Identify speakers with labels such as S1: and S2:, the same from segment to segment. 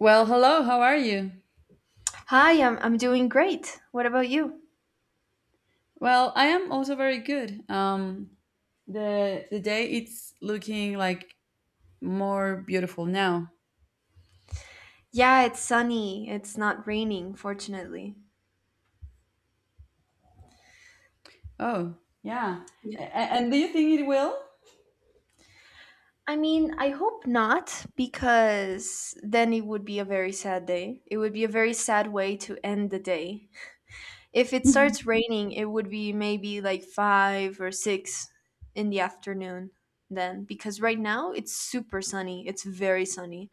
S1: Well, hello. How are you?
S2: Hi, I'm doing great. What about you?
S1: Well, I am also very good. The day it's looking like more beautiful now.
S2: Yeah, it's sunny. It's not raining, fortunately.
S1: Oh, yeah.
S2: Yeah.
S1: And do you think it will?
S2: I mean, I hope not because then it would be a very sad day. It would be a very sad way to end the day. If it starts raining, it would be maybe like 5 or 6 in the afternoon then because right now it's super sunny. It's very sunny.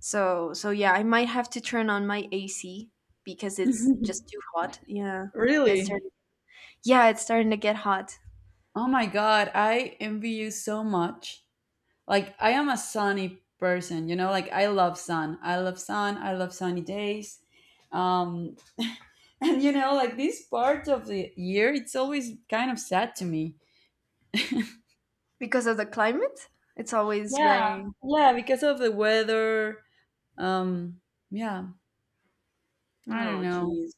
S2: So, yeah, I might have to turn on my AC because it's just too hot. Yeah. Yes,
S1: Really?
S2: yeah, it's starting to get hot
S1: Oh my God, I envy you so much. Like, I am a sunny person, you know, like I love sun. I love sun. I love sunny days. Um, and you know, like this part of the year, it's always kind of sad to me.
S2: because of the climate. It's always
S1: Yeah,
S2: gray.
S1: yeah, because of the weather. Um, yeah, I don't
S2: Oh,
S1: know.
S2: jeez.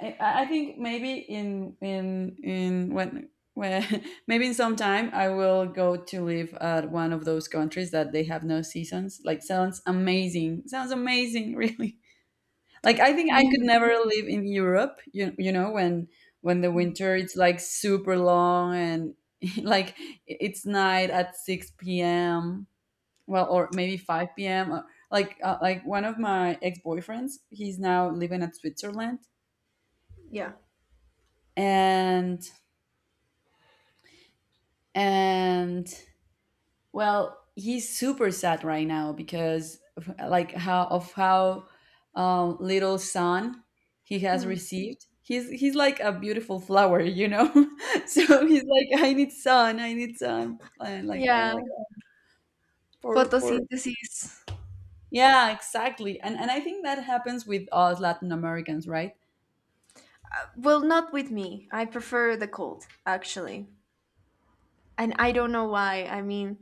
S1: I think maybe in when maybe in some time I will go to live at one of those countries that they have no seasons. Like sounds amazing. Sounds amazing, really. Like I think I could
S2: Mm.
S1: never live in Europe. You know when the winter it's like super long and like it's night at 6 p.m. well or maybe 5 p.m. Like one of my ex-boyfriends he's now living at Switzerland
S2: Yeah.
S1: and and well he's super sad right now because of, like how of how little sun he has
S2: Mm.
S1: received, he's like a beautiful flower, you know. So he's like, I need sun, I need sun, and like I'm
S2: Yeah,
S1: like poor, poor.
S2: photosynthesis.
S1: Yeah, exactly, and I think that happens with us Latin Americans, right?
S2: Well, not with me. I prefer the cold, actually. And I don't know why. I mean,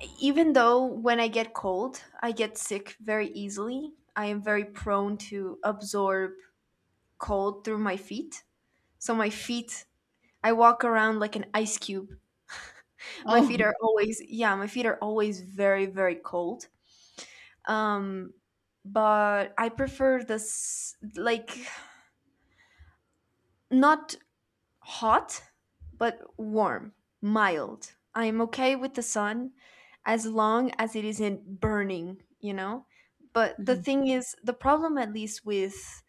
S2: even though when I get cold, I get sick very easily, I am very prone to absorb cold through my feet. So, my feet, I walk around like an ice cube. My feet
S1: Oh.
S2: are always, yeah, my feet are always very, very cold. Um, but I prefer this, like, not hot but warm, mild. I'm okay with the sun as long as it isn't burning. But the
S1: Hmm,
S2: thing is, the problem at least with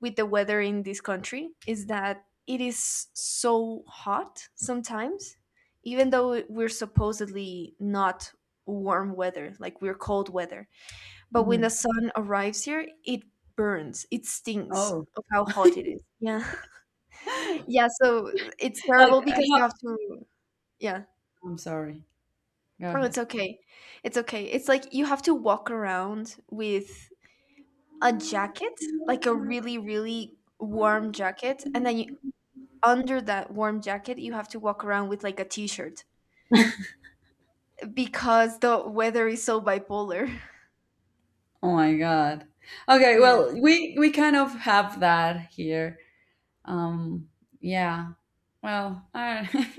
S2: the weather in this country is that it is so hot sometimes, even though we're supposedly not warm weather, like we're cold weather. But when the
S1: hmm.
S2: sun arrives here, it burns, it stings
S1: Oh,
S2: of how hot it is. Yeah. Yeah. So it's
S1: like
S2: terrible because
S1: how-
S2: you have to, yeah.
S1: I'm sorry. Go
S2: Oh, it's
S1: ahead.
S2: okay. It's okay. It's like you have to walk around with a jacket, like a really, really warm jacket, and then you, under that warm jacket you have to walk around with like a t-shirt because the weather is so bipolar.
S1: Oh my God. Okay.
S2: Yeah,
S1: Well, we kind of have that here. Um. Yeah. Well, I don't.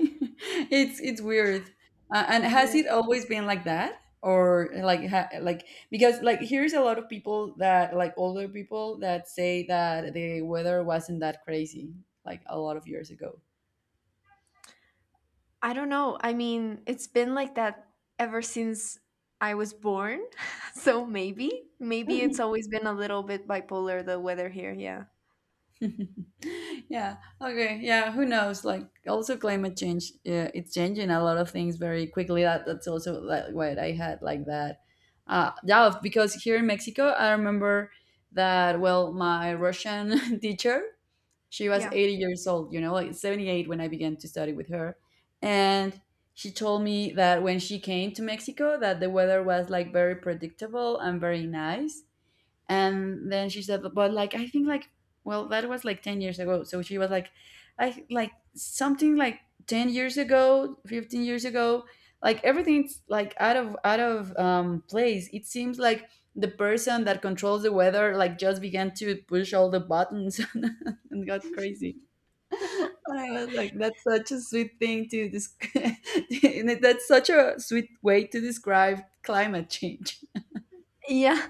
S1: It's weird. And has
S2: yeah.
S1: it always been like that, or like ha like, because like here's a lot of people, that like older people, that say that the weather wasn't that crazy like a lot of years ago.
S2: I don't know. I mean, it's been like that ever since I was born. So maybe it's always been a little bit bipolar, the weather here. Yeah.
S1: Yeah, okay, yeah, who knows, like also climate change. Yeah, it's changing a lot of things very quickly. That's also like what I had like that. Yeah, because here in Mexico I remember that, well, my Russian teacher, she was
S2: Yeah,
S1: 80 years old, you know, like 78 when I began to study with her. And she told me that when she came to Mexico that the weather was like very predictable and very nice. And then she said, but like I think like, well, that was like 10 years ago, so she was like, I like something like 10 years ago, 15 years ago, like everything's like out of place. It seems like the person that controls the weather like just began to push all the buttons and got crazy. And I was like, that's such a sweet thing to describe. That's such a sweet way to describe climate change.
S2: yeah.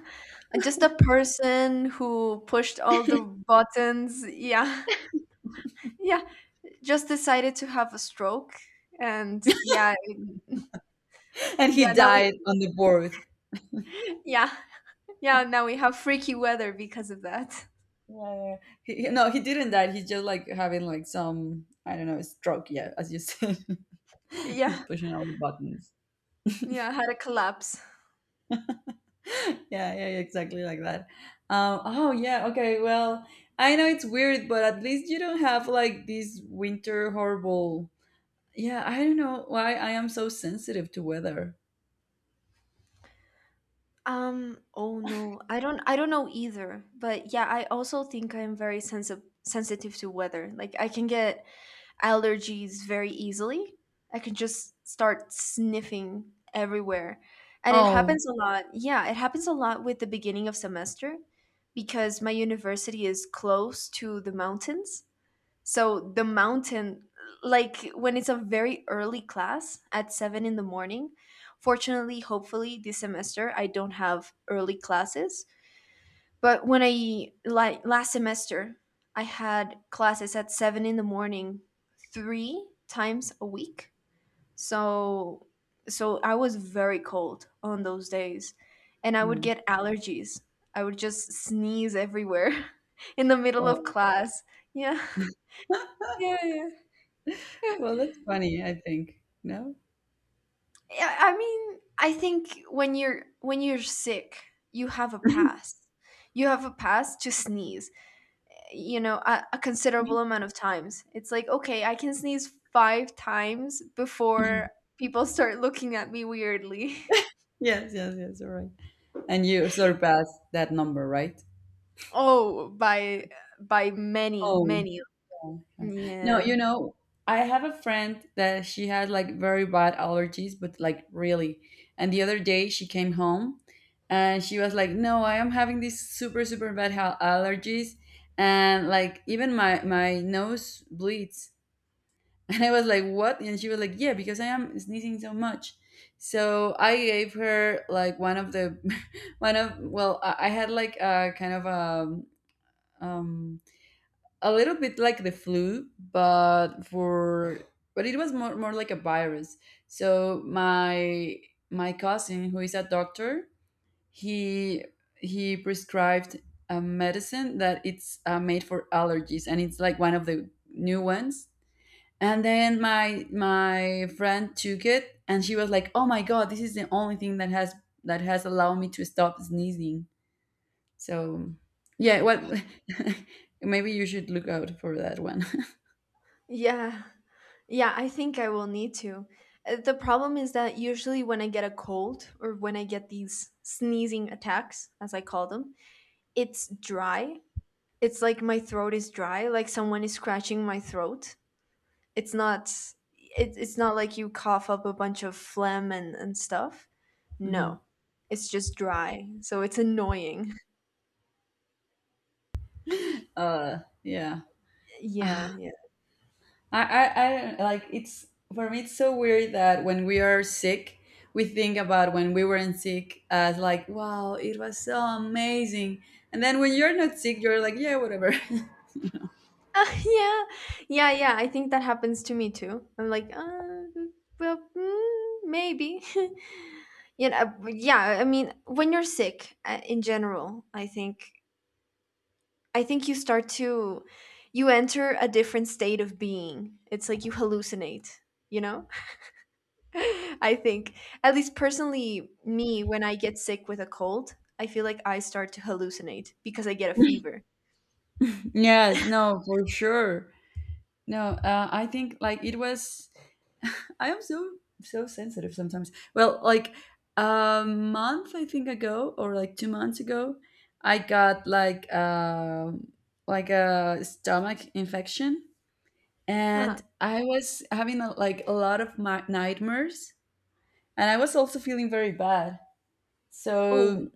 S2: Just a person who pushed all the buttons, yeah. Yeah, just decided to have a stroke. And yeah,
S1: And
S2: yeah,
S1: he
S2: now we
S1: died on the board.
S2: yeah. Yeah, now we have freaky weather because of that.
S1: Yeah, yeah. No, he didn't die. He's just like having like some, I don't know, stroke. Yeah, as you said, he's
S2: Yeah,
S1: pushing all the buttons.
S2: yeah, had a collapse.
S1: Yeah, yeah, yeah, exactly like that. Oh yeah, okay. Well, I know it's weird, but at least you don't have like these winter horrible. Yeah, I don't know why I am so sensitive to weather.
S2: Oh no, I don't know either. But yeah, I also think I am very sensitive to weather. Like I can get allergies very easily. I can just start sniffing everywhere. And it
S1: Oh.
S2: happens a lot. Yeah, it happens a lot with the beginning of semester because my university is close to the mountains. So the mountain, like when it's a very early class at 7 in the morning, fortunately, hopefully this semester I don't have early classes. But when I, like, last semester, I had classes at 7 in the morning, three times a week. So so I was very cold on those days, and I would
S1: Hmm.
S2: get allergies. I would just sneeze everywhere in the middle of
S1: Oh.
S2: class. Yeah, yeah, yeah.
S1: Well, that's funny. I think no.
S2: Yeah, I mean, I think when you're sick, you have a pass. You have a pass to sneeze. You know, a considerable amount of times. It's like, okay, I can sneeze five times before people start looking at me weirdly.
S1: Yes, yes, yes. All right. And you surpassed that number, right?
S2: Oh, by many,
S1: Oh,
S2: many.
S1: yeah, yeah. No,
S2: Yeah.
S1: you know, I have a friend that she had like very bad allergies, but like really. And the other day she came home and she was like, "No, I am having these super super bad allergies, and like even my nose bleeds." And I was like, "What?" And she was like, "Yeah, because I am sneezing so much." So I gave her like one of the one of, well, I had like a kind of um a little bit like the flu, but for, but it was more like a virus. So my cousin, who is a doctor, he prescribed a medicine that it's made for allergies, and it's like one of the new ones. And then my friend took it, and she was like, "Oh my god, this is the only thing that has allowed me to stop sneezing." So yeah, what, maybe you should look out for that one.
S2: Yeah. Yeah, I think I will need to. The problem is that usually when I get a cold or when I get these sneezing attacks, as I call them, it's dry. It's like my throat is dry, like someone is scratching my throat. It's not. It's not like you cough up a bunch of phlegm and stuff.
S1: Hmm.
S2: No. It's just dry. So it's annoying.
S1: Yeah. i
S2: Yeah, yeah.
S1: I don't, like it's, for me it's so weird that when we are sick we think about when we weren't sick as like, wow, it was so amazing, and then when you're not sick you're like, yeah, whatever.
S2: Yeah. Yeah, yeah. I think that happens to me too. I'm like, well, maybe. Yeah, I mean, when you're sick, in general, I think you start to you enter a different state of being. It's like you hallucinate, you know? I think at least personally me when I get sick with a cold, I feel like I start to hallucinate because I get a fever.
S1: Yes, no, for sure. No, I think like it was. I am so so sensitive sometimes. Well, like a month I think ago, or like 2 months ago, I got like a stomach infection,
S2: Uh,
S1: and I was having a, like, a lot of my nightmares, and I was also feeling very bad. So
S2: oh,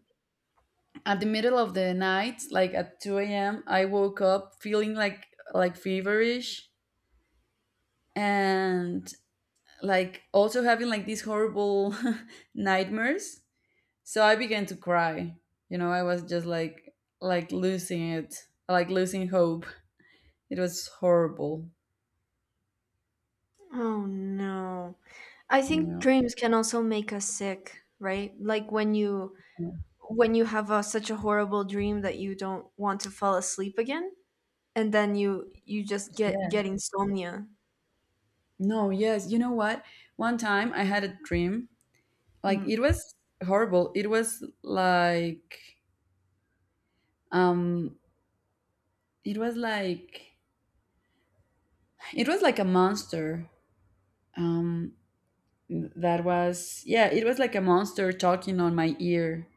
S1: at the middle of the night, like at 2 a.m., I woke up feeling like, feverish, and like also having like these horrible nightmares. So I began to cry. You know, I was just like, losing it, like losing hope. It was horrible.
S2: oh, no. I think
S1: No,
S2: dreams can also make us sick, right? Like when you
S1: no,
S2: when you have such a horrible dream that you don't want to fall asleep again and then you just get
S1: yeah.
S2: get insomnia.
S1: No, yes. You know what? One time I had a dream. Like it
S2: Mm.
S1: was horrible. It was like um it was like a monster. Um that was, yeah, it was like a monster talking on my ear.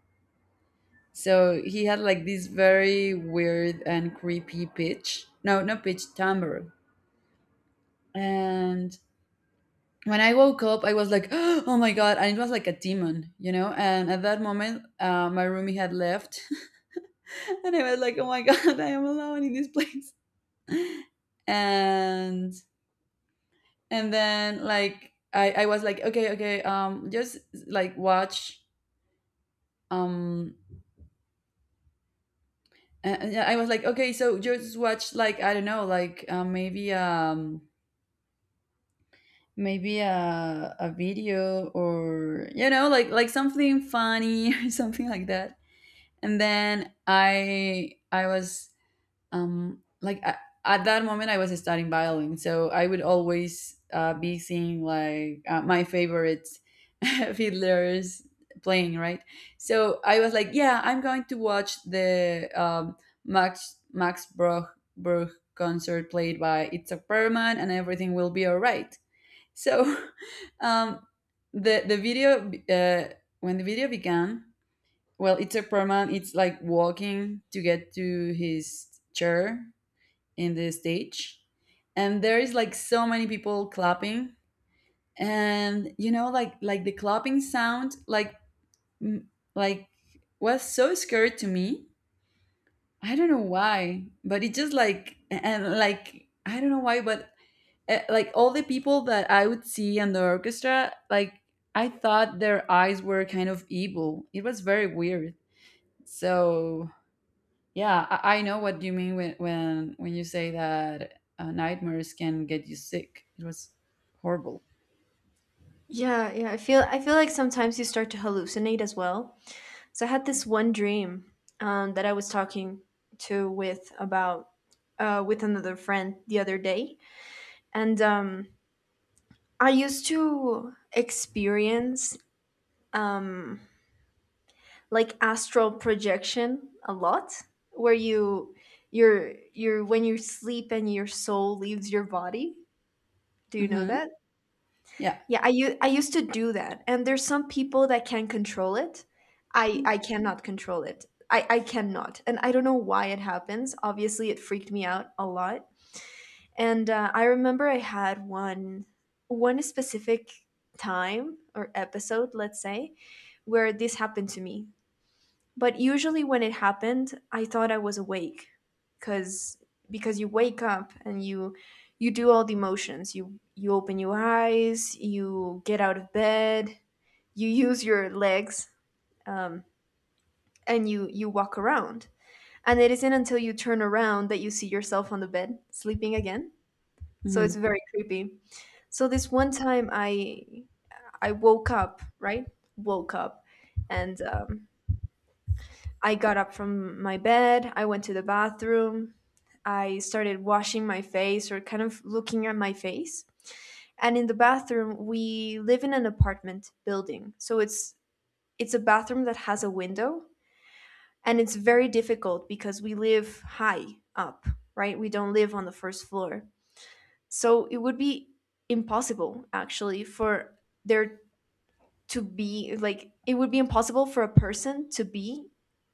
S1: So he had like this very weird and creepy pitch. No, not pitch, timbre. And when I woke up, I was like, oh my God. And it was like a demon, you know? And at that moment, my roomie had left. And I was like, oh my God, I am alone in this place. And, and then like, I was like, okay, okay, just like watch, um, and I was like, okay, so just watch, like I don't know, like maybe maybe a video, or you know, like something funny or something like that. And then I was, like I, at that moment I was studying violin, so I would always be seeing like my favorite fiddlers playing, right? So I was like, yeah, I'm going to watch the Max Bruch concert played by Itzhak Perlman, and everything will be all right. So um, the video, uh, when the video began, well, it's a perman, it's like walking to get to his chair in the stage, and there is like so many people clapping, and you know, like the clapping sound like m- like was so scary to me, I don't know why, but it just like, and like I don't know why, but like all the people that I would see in the orchestra, like I thought their eyes were kind of evil. It was very weird. So yeah, I know what you mean when when you say that nightmares can get you sick. It was horrible.
S2: Yeah, yeah. I feel like sometimes you start to hallucinate as well. So I had this one dream, that I was talking to with about with another friend the other day, and, I used to experience, um, like astral projection a lot, where you're when you sleep and your soul leaves your body. Do you know
S1: Mm-hmm.
S2: that?
S1: Yeah.
S2: Yeah, I I used to do that. And there's some people that can control it. I cannot control it. I cannot. And I don't know why it happens. Obviously, it freaked me out a lot. And, I remember I had one specific time or episode, let's say, where this happened to me. But usually when it happened, I thought I was awake cuz because you wake up and you do all the motions. You open your eyes, you get out of bed, you use your legs, um, and you walk around. And it isn't until you turn around that you see yourself on the bed sleeping again. So it's
S1: Mm-hmm.
S2: very creepy. So this one time I woke up, right? Woke up and, I got up from my bed, I went to the bathroom, I started washing my face or kind of looking at my face. And in the bathroom, we live in an apartment building. So it's a bathroom that has a window, and it's very difficult because we live high up, right? We don't live on the first floor. So it would be impossible, actually, for there to be, like, it would be impossible for a person to be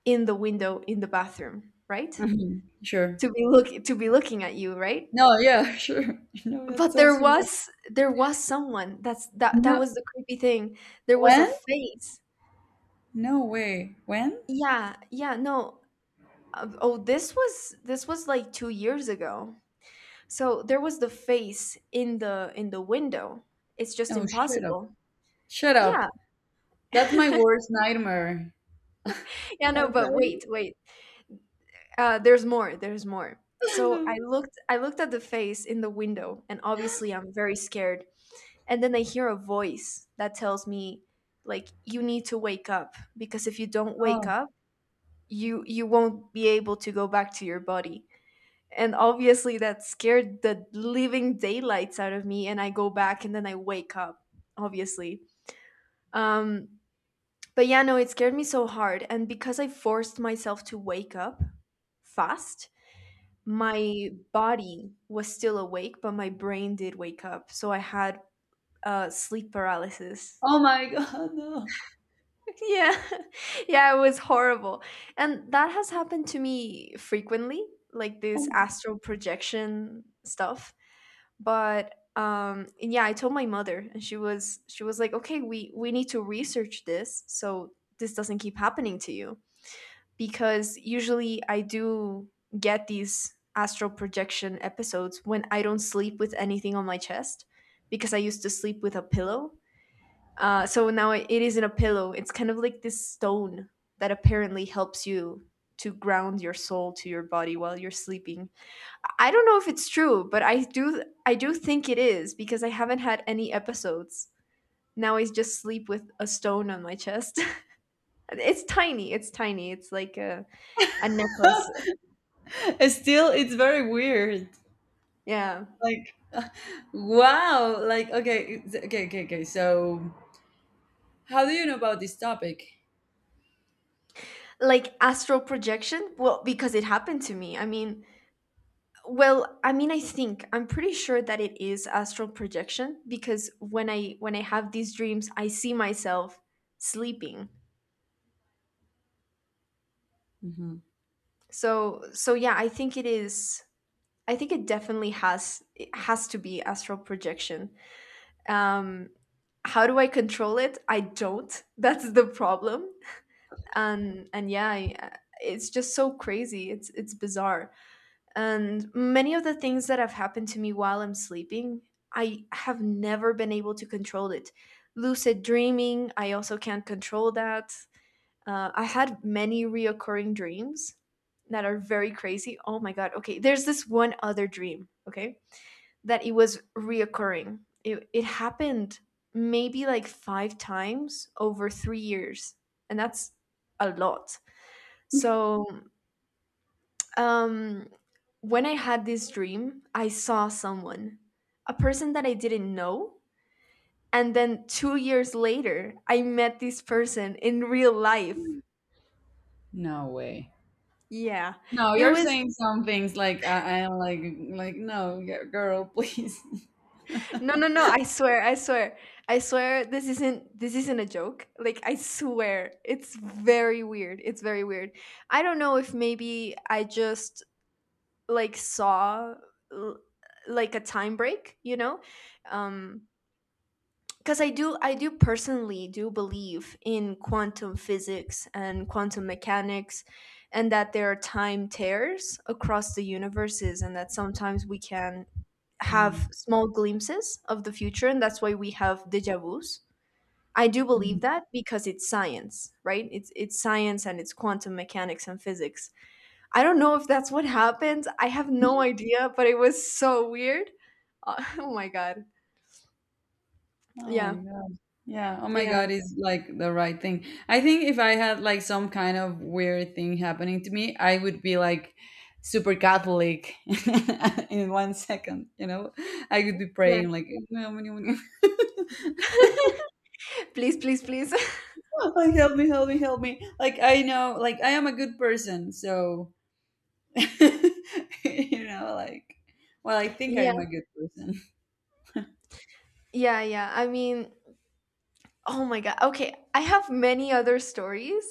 S2: in the window in the bathroom, right?
S1: Hmm. Sure.
S2: To be looking at you, right?
S1: No. Yeah. Sure. No, that's
S2: But
S1: so
S2: there
S1: sweet.
S2: was there was someone, that
S1: No.
S2: was the creepy thing. There was a
S1: When?
S2: face.
S1: No way. When?
S2: Yeah, yeah. No, oh, this was like 2 years ago. So there was the face in the window. It's just
S1: Oh, shut up.
S2: impossible.
S1: Shut up.
S2: Yeah.
S1: That's my worst nightmare.
S2: Yeah, no,
S1: That's
S2: but
S1: very-
S2: wait, wait. There's more. There's more. So I
S1: no.
S2: looked. I looked at the face in the window, and obviously I'm very scared. And then I hear a voice that tells me, like, you need to wake up because if you don't wake
S1: Oh,
S2: up, you won't be able to go back to your body. And obviously that scared the living daylights out of me. And I go back, and then I wake up. Obviously. Um, but yeah, no, it scared me so hard. And because I forced myself to wake up fast, my body was still awake, but my brain did wake up. So I had, sleep paralysis.
S1: oh my God, no.
S2: Yeah. Yeah, it was horrible. And that has happened to me frequently, like
S1: Oh
S2: this
S1: my
S2: astral projection stuff. But, um, and yeah, I told my mother and she was like, "Okay, we need to research this so this doesn't keep happening to you," because usually I do get these astral projection episodes when I don't sleep with anything on my chest because I used to sleep with a pillow. So now it isn't a pillow. It's kind of like this stone that apparently helps you to ground your soul to your body while you're sleeping. I don't know if it's true, but I do think it is because I haven't had any episodes. Now I just sleep with a stone on my chest. It's tiny. It's tiny. It's like a
S1: God.
S2: necklace.
S1: Still, it's very weird.
S2: Yeah.
S1: Like, wow. Like, okay, okay, okay, okay. So, how do you know about this topic?
S2: Like astral projection? Well, because it happened to me. I mean, well, I mean, I think I'm pretty sure that it is astral projection because when I have these dreams, I see myself sleeping.
S1: Hmm.
S2: So, yeah, I think it is. I think it definitely has to be astral projection. Um, how do I control it? I don't. That's the problem. And yeah, it's just so crazy. It's bizarre. And many of the things that have happened to me while I'm sleeping, I have never been able to control it. Lucid dreaming, I also can't control that. I had many reoccurring dreams that are very crazy. Oh my God. Okay. There's this one other dream, okay, that it was reoccurring. It happened maybe like five times over 3 years. And that's a lot. So, um, when I had this dream, I saw someone, a person that I didn't know. And then 2 years later, I met this person in real life.
S1: No way.
S2: Yeah.
S1: No,
S2: It
S1: you're
S2: was
S1: saying some things like, I'm like, no, girl, please.
S2: No, no, no, I swear, I swear. I swear this isn't a joke. Like I swear, it's very weird. It's very weird. I don't know if maybe I just like saw l- like a time break, you know? Um because I do personally do believe in quantum physics and quantum mechanics, and that there are time tears across the universes, and that sometimes we can have small glimpses of the future, and that's why we have deja vus. I do
S1: Mhm.
S2: believe that because it's science, right? It's science and it's quantum mechanics and physics. I don't know if that's what happened. I have no idea, but it was so weird. Oh my God.
S1: Oh my
S2: Yeah,
S1: God. Yeah. Oh my
S2: yeah,
S1: God is like the right thing. I think if I had like some kind of weird thing happening to me, I would be like super Catholic in 1 second, you know? I would be
S2: yeah.
S1: praying like,
S2: Please, please, please.
S1: like, help me, help me, help me. Like I know, like I am a good person, so, you know, like, well, I think I
S2: Yeah.
S1: am a good person.
S2: Yeah, yeah. I mean, oh my God. Okay, I have many other stories,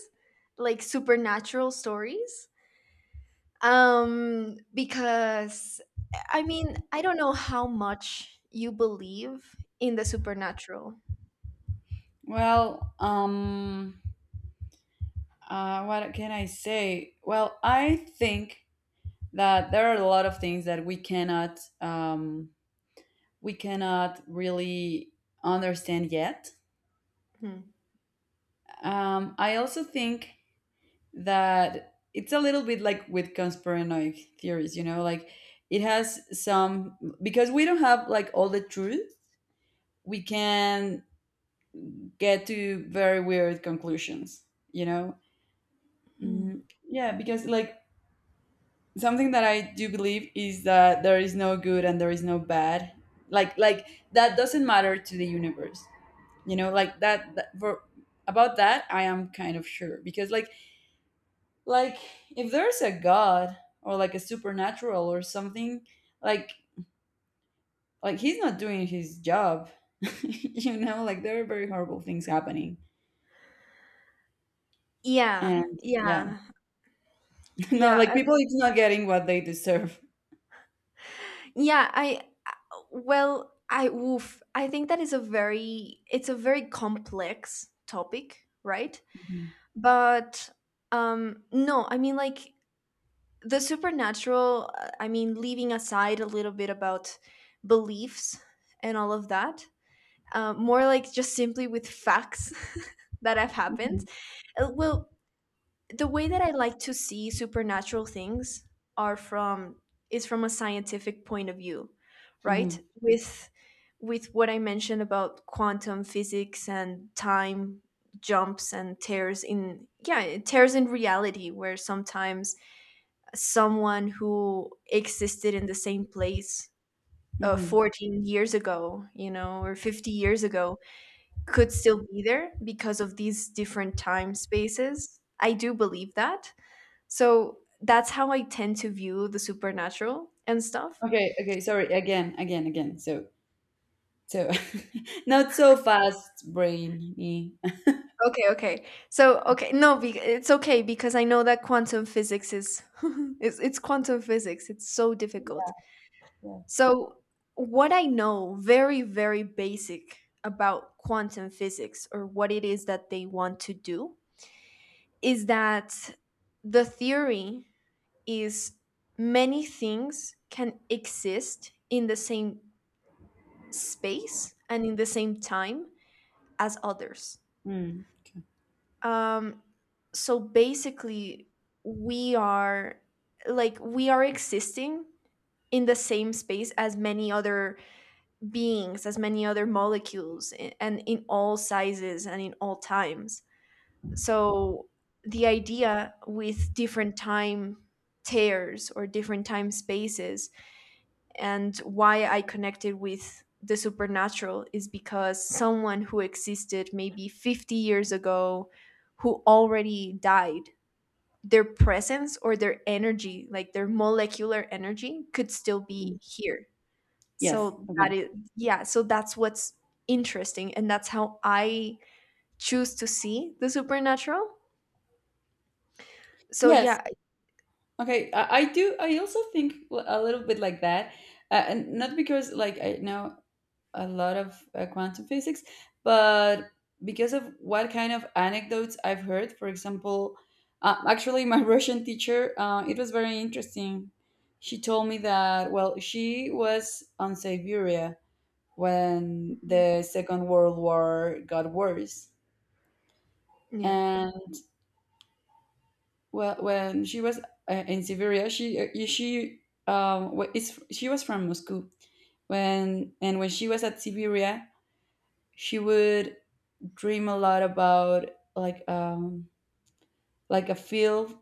S2: like supernatural stories. Because I mean, I don't know how much you believe in the supernatural.
S1: Well, what can I say? Well, I think that there are a lot of things that we cannot really understand yet.
S2: Hmm.
S1: I also think that it's a little bit like with conspiranoid theories, you know, like it has some, because we don't have like all the truth, we can get to very weird conclusions, you know.
S2: Hmm.
S1: Mm, yeah, because like, something that I do believe is that there is no good and there is no bad. Like, that doesn't matter to the universe. You know, like, that, that for about that I am kind of sure, because like, like if there's a god or like a supernatural or something, like, he's not doing his job. You know, like there are very horrible things happening.
S2: Yeah,
S1: And yeah,
S2: yeah,
S1: no,
S2: yeah,
S1: like people it's not getting what they deserve.
S2: yeah. I Well, I woof. I think that is a very it's a very complex topic, right?
S1: Mhm.
S2: But no, I mean, like, the supernatural, I mean, leaving aside a little bit about beliefs and all of that, more like just simply with facts that have happened.
S1: Mhm.
S2: Well, the way that I like to see supernatural things are from is from a scientific point of view, right?
S1: Mhm.
S2: With what I mentioned about quantum physics and time jumps and tears in yeah, tears in reality, where sometimes someone who existed in the same place,
S1: Mhm.
S2: 14 years ago, you know, or 50 years ago, could still be there because of these different time spaces. I do believe that. So that's how I tend to view the supernatural and stuff.
S1: Okay, okay, sorry. Again, again, again. So, not so fast, brain. Eh.
S2: Okay, okay. So, okay, no, it's okay because I know that quantum physics is it's quantum physics. It's so difficult.
S1: Yeah.
S2: So, what I know very, very basic about quantum physics, or what it is that they want to do, is that the theory is many things can exist in the same space and in the same time as others.
S1: Mm,
S2: Um, so basically, we are like we are existing in the same space as many other beings, as many other molecules, and in all sizes and in all times. So the idea with different time tears or different time spaces, and why I connected with the supernatural, is because someone who existed maybe 50 years ago, who already died, their presence or their energy, like their molecular energy, could still be
S1: mhm.
S2: here.
S1: Yes.
S2: So
S1: Okay.
S2: that is Yeah, so that's what's interesting, and that's how I choose to see the supernatural. So
S1: Yes.
S2: yeah.
S1: Okay. I do. I also think, a little bit like that, and not because like I know a lot of quantum physics, but because of what kind of anecdotes I've heard. For example, actually, my Russian teacher. It was very interesting. She told me that, well, she was on Siberia when
S2: Mhm.
S1: the Second World War got worse.
S2: Yeah.
S1: And well, when she was in Siberia, she wa- is she was from Moscow. When she was at Siberia, she would dream a lot about like um like a field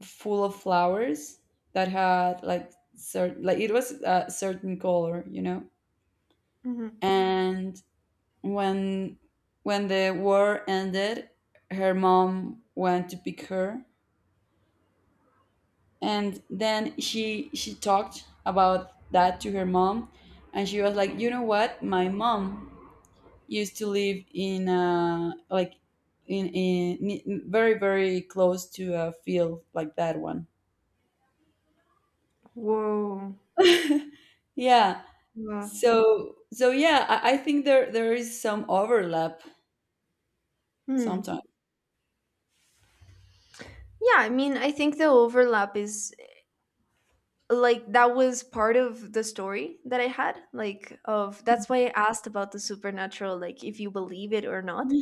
S1: full of flowers that had like certain, like it was a certain color, you know.
S2: Hmm.
S1: And when the war ended, her mom went to pick her, and then she talked about that to her mom, and she was like, you know what, my mom used to live in like, very very close to a field like that one.
S2: Whoa.
S1: Yeah.
S2: Wow.
S1: So, so yeah, I think there is some overlap
S2: Hmm.
S1: sometimes.
S2: Yeah, I mean, I think the overlap is, like, that was part of the story that I had, like, of that's why I asked about the supernatural, like if you believe it or not.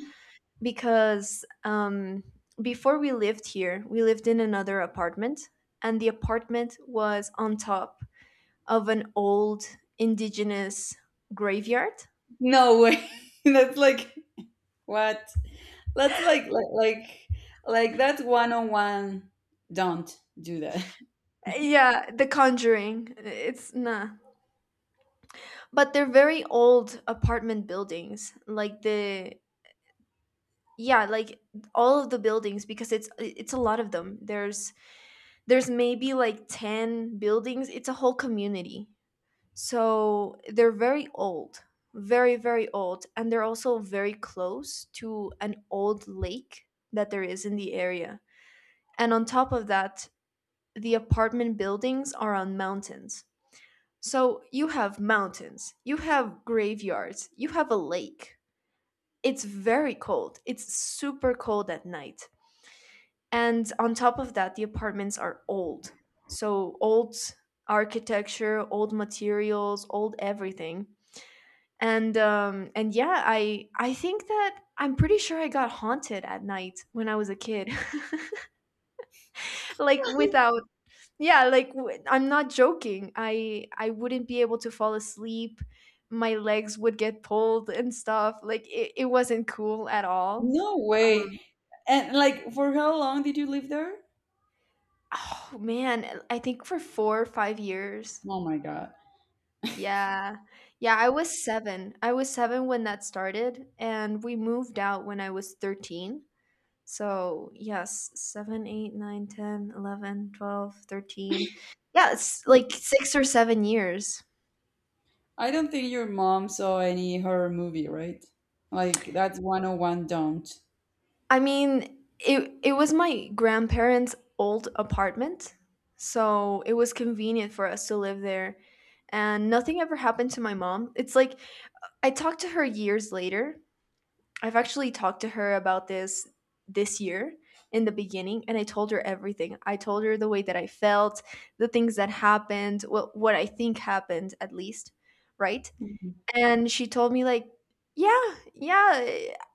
S2: Because before we lived here, we lived in another apartment, and the apartment was on top of an old indigenous graveyard.
S1: No way. That's like, what? Let's like that's one on one. Don't do that.
S2: Yeah, The Conjuring. It's nah. But they're very old apartment buildings. Like the yeah, like all of the buildings, because it's a lot of them. There's maybe like 10 buildings. It's a whole community. So they're very old. Very, very old, and they're also very close to an old lake that there is in the area. And on top of that, the apartment buildings are on mountains. So you have mountains, you have graveyards, you have a lake. It's very cold. It's super cold at night. And on top of that, the apartments are old. So old architecture, old materials, old everything. And yeah, I think that I'm pretty sure I got haunted at night when I was a kid. Like without, yeah, like I'm not joking. I wouldn't be able to fall asleep. My legs would get pulled and stuff. Like it wasn't cool at all.
S1: No way.
S2: um
S1: And like, for how long did you live there?
S2: oh man, I think for 4 or 5 years.
S1: Oh my god.
S2: Yeah, yeah. I was seven when that started, and we moved out when I was 13. So yes, 7, 8, 9, 10, 11, 12, 13. Yeah, it's like 6 or 7 years.
S1: I don't think your mom saw any horror movie, right? Like that's 101 don't.
S2: I mean, it was my grandparents' old apartment, so it was convenient for us to live there, and nothing ever happened to my mom. It's like I talked to her years later. I've actually talked to her about this, this year in the beginning, and I told her everything. I told her the way that I felt, the things that happened, what I think happened, at least, right? And she told me like, "Yeah, yeah,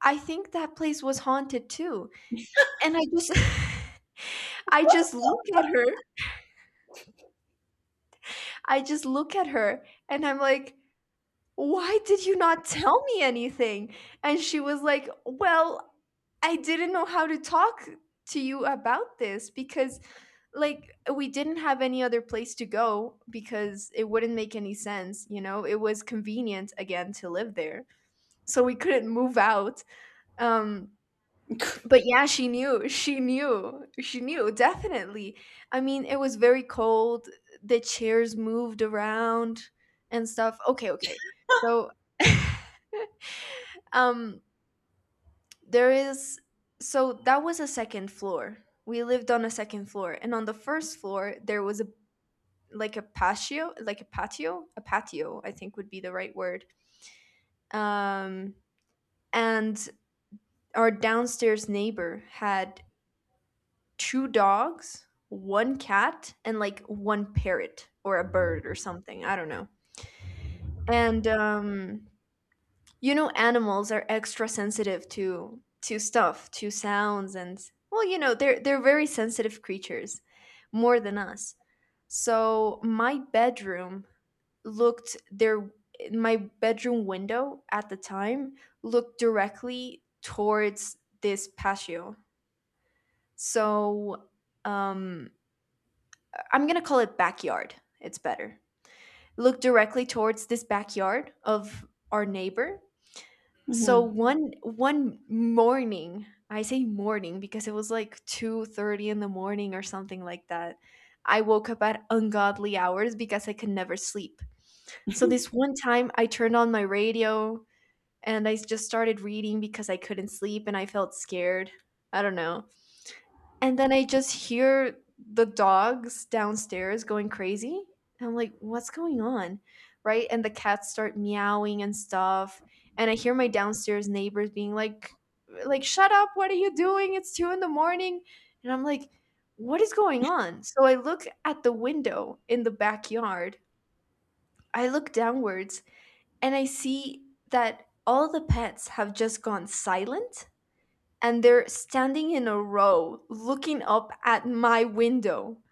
S2: I think that place was haunted too." And I just, I just look at her. I just look at her and I'm like, "Why did you not tell me anything?" And she was like, "Well, I didn't know how to talk to you about this because like we didn't have any other place to go because it wouldn't make any sense, you know? It was convenient again to live there. So we couldn't move out." Um But yeah, she knew. She knew. She knew, definitely. I mean, it was very cold. The chairs moved around and stuff. Okay, okay. So, um, there is. So that was a second floor. We lived on a second floor. And on the first floor, there was a like a patio, I think would be the right word. Um, and our downstairs neighbor had two dogs, one cat, and like one parrot or a bird or something. I don't know. And animals are extra sensitive to stuff, to sounds, and well, they're very sensitive creatures, more than us. So my bedroom looked there. My bedroom window at the time looked directly towards this patio. So um I'm going to call it backyard. It's better. Look directly towards this backyard of our neighbor. So
S1: Mhm.
S2: one morning, I say morning because it was like 2:30 in the morning or something like that. I woke up at ungodly hours because I could never sleep. So this one time I turned on my radio and I just started reading because I couldn't sleep and I felt scared. I don't know. And then I just hear the dogs downstairs going crazy. And I'm like, what's going on? Right? And the cats start meowing and stuff. And I hear my downstairs neighbors being like, "Shut up, what are you doing? It's 2 in the morning." And I'm like, what is going on? So I look at the window in the backyard. I look downwards and I see that all the pets have just gone silent and they're standing in a row looking up at my window.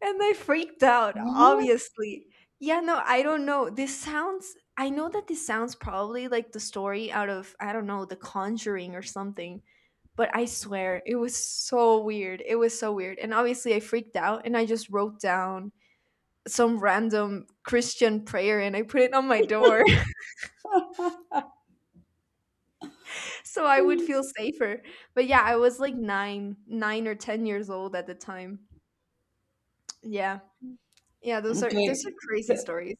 S2: And I freaked out,
S1: What?
S2: obviously. Yeah, no, I don't know. This sounds, I know that this sounds probably like the story out of, I don't know, The Conjuring or something, but I swear it was so weird. It was so weird. And obviously, I freaked out and I just wrote down some random Christian prayer and I put it on my door so I would feel safer. But yeah, I was like nine or 10 years old at the time. Yeah. Yeah, those are
S1: Okay.
S2: those are crazy stories.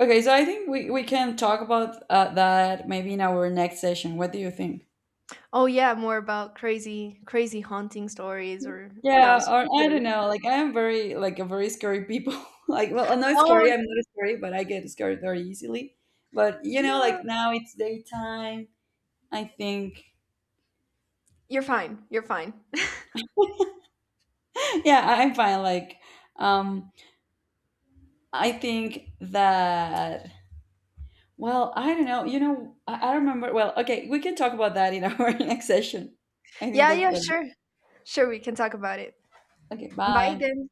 S1: Okay, so I think we can talk about that maybe in our next session. What do you think?
S2: Oh yeah, more about crazy, crazy haunting stories, or who
S1: Yeah,
S2: knows?
S1: or
S2: The
S1: I don't
S2: others.
S1: know. Like, I am very, like, a very scary people. Like, well, I'm not
S2: Oh
S1: scary. I'm not scary, but I get scared very easily. But you know,
S2: no.
S1: like, now it's daytime. I think.
S2: You're fine. You're fine.
S1: Yeah, I'm fine. Like, um, I think that. Well, I don't know. You know, I remember. Well, okay, we can talk about that in our next session. I think
S2: Yeah,
S1: that's
S2: yeah,
S1: better.
S2: sure. Sure, we can talk about it.
S1: Okay,
S2: Bye
S1: bye.
S2: then.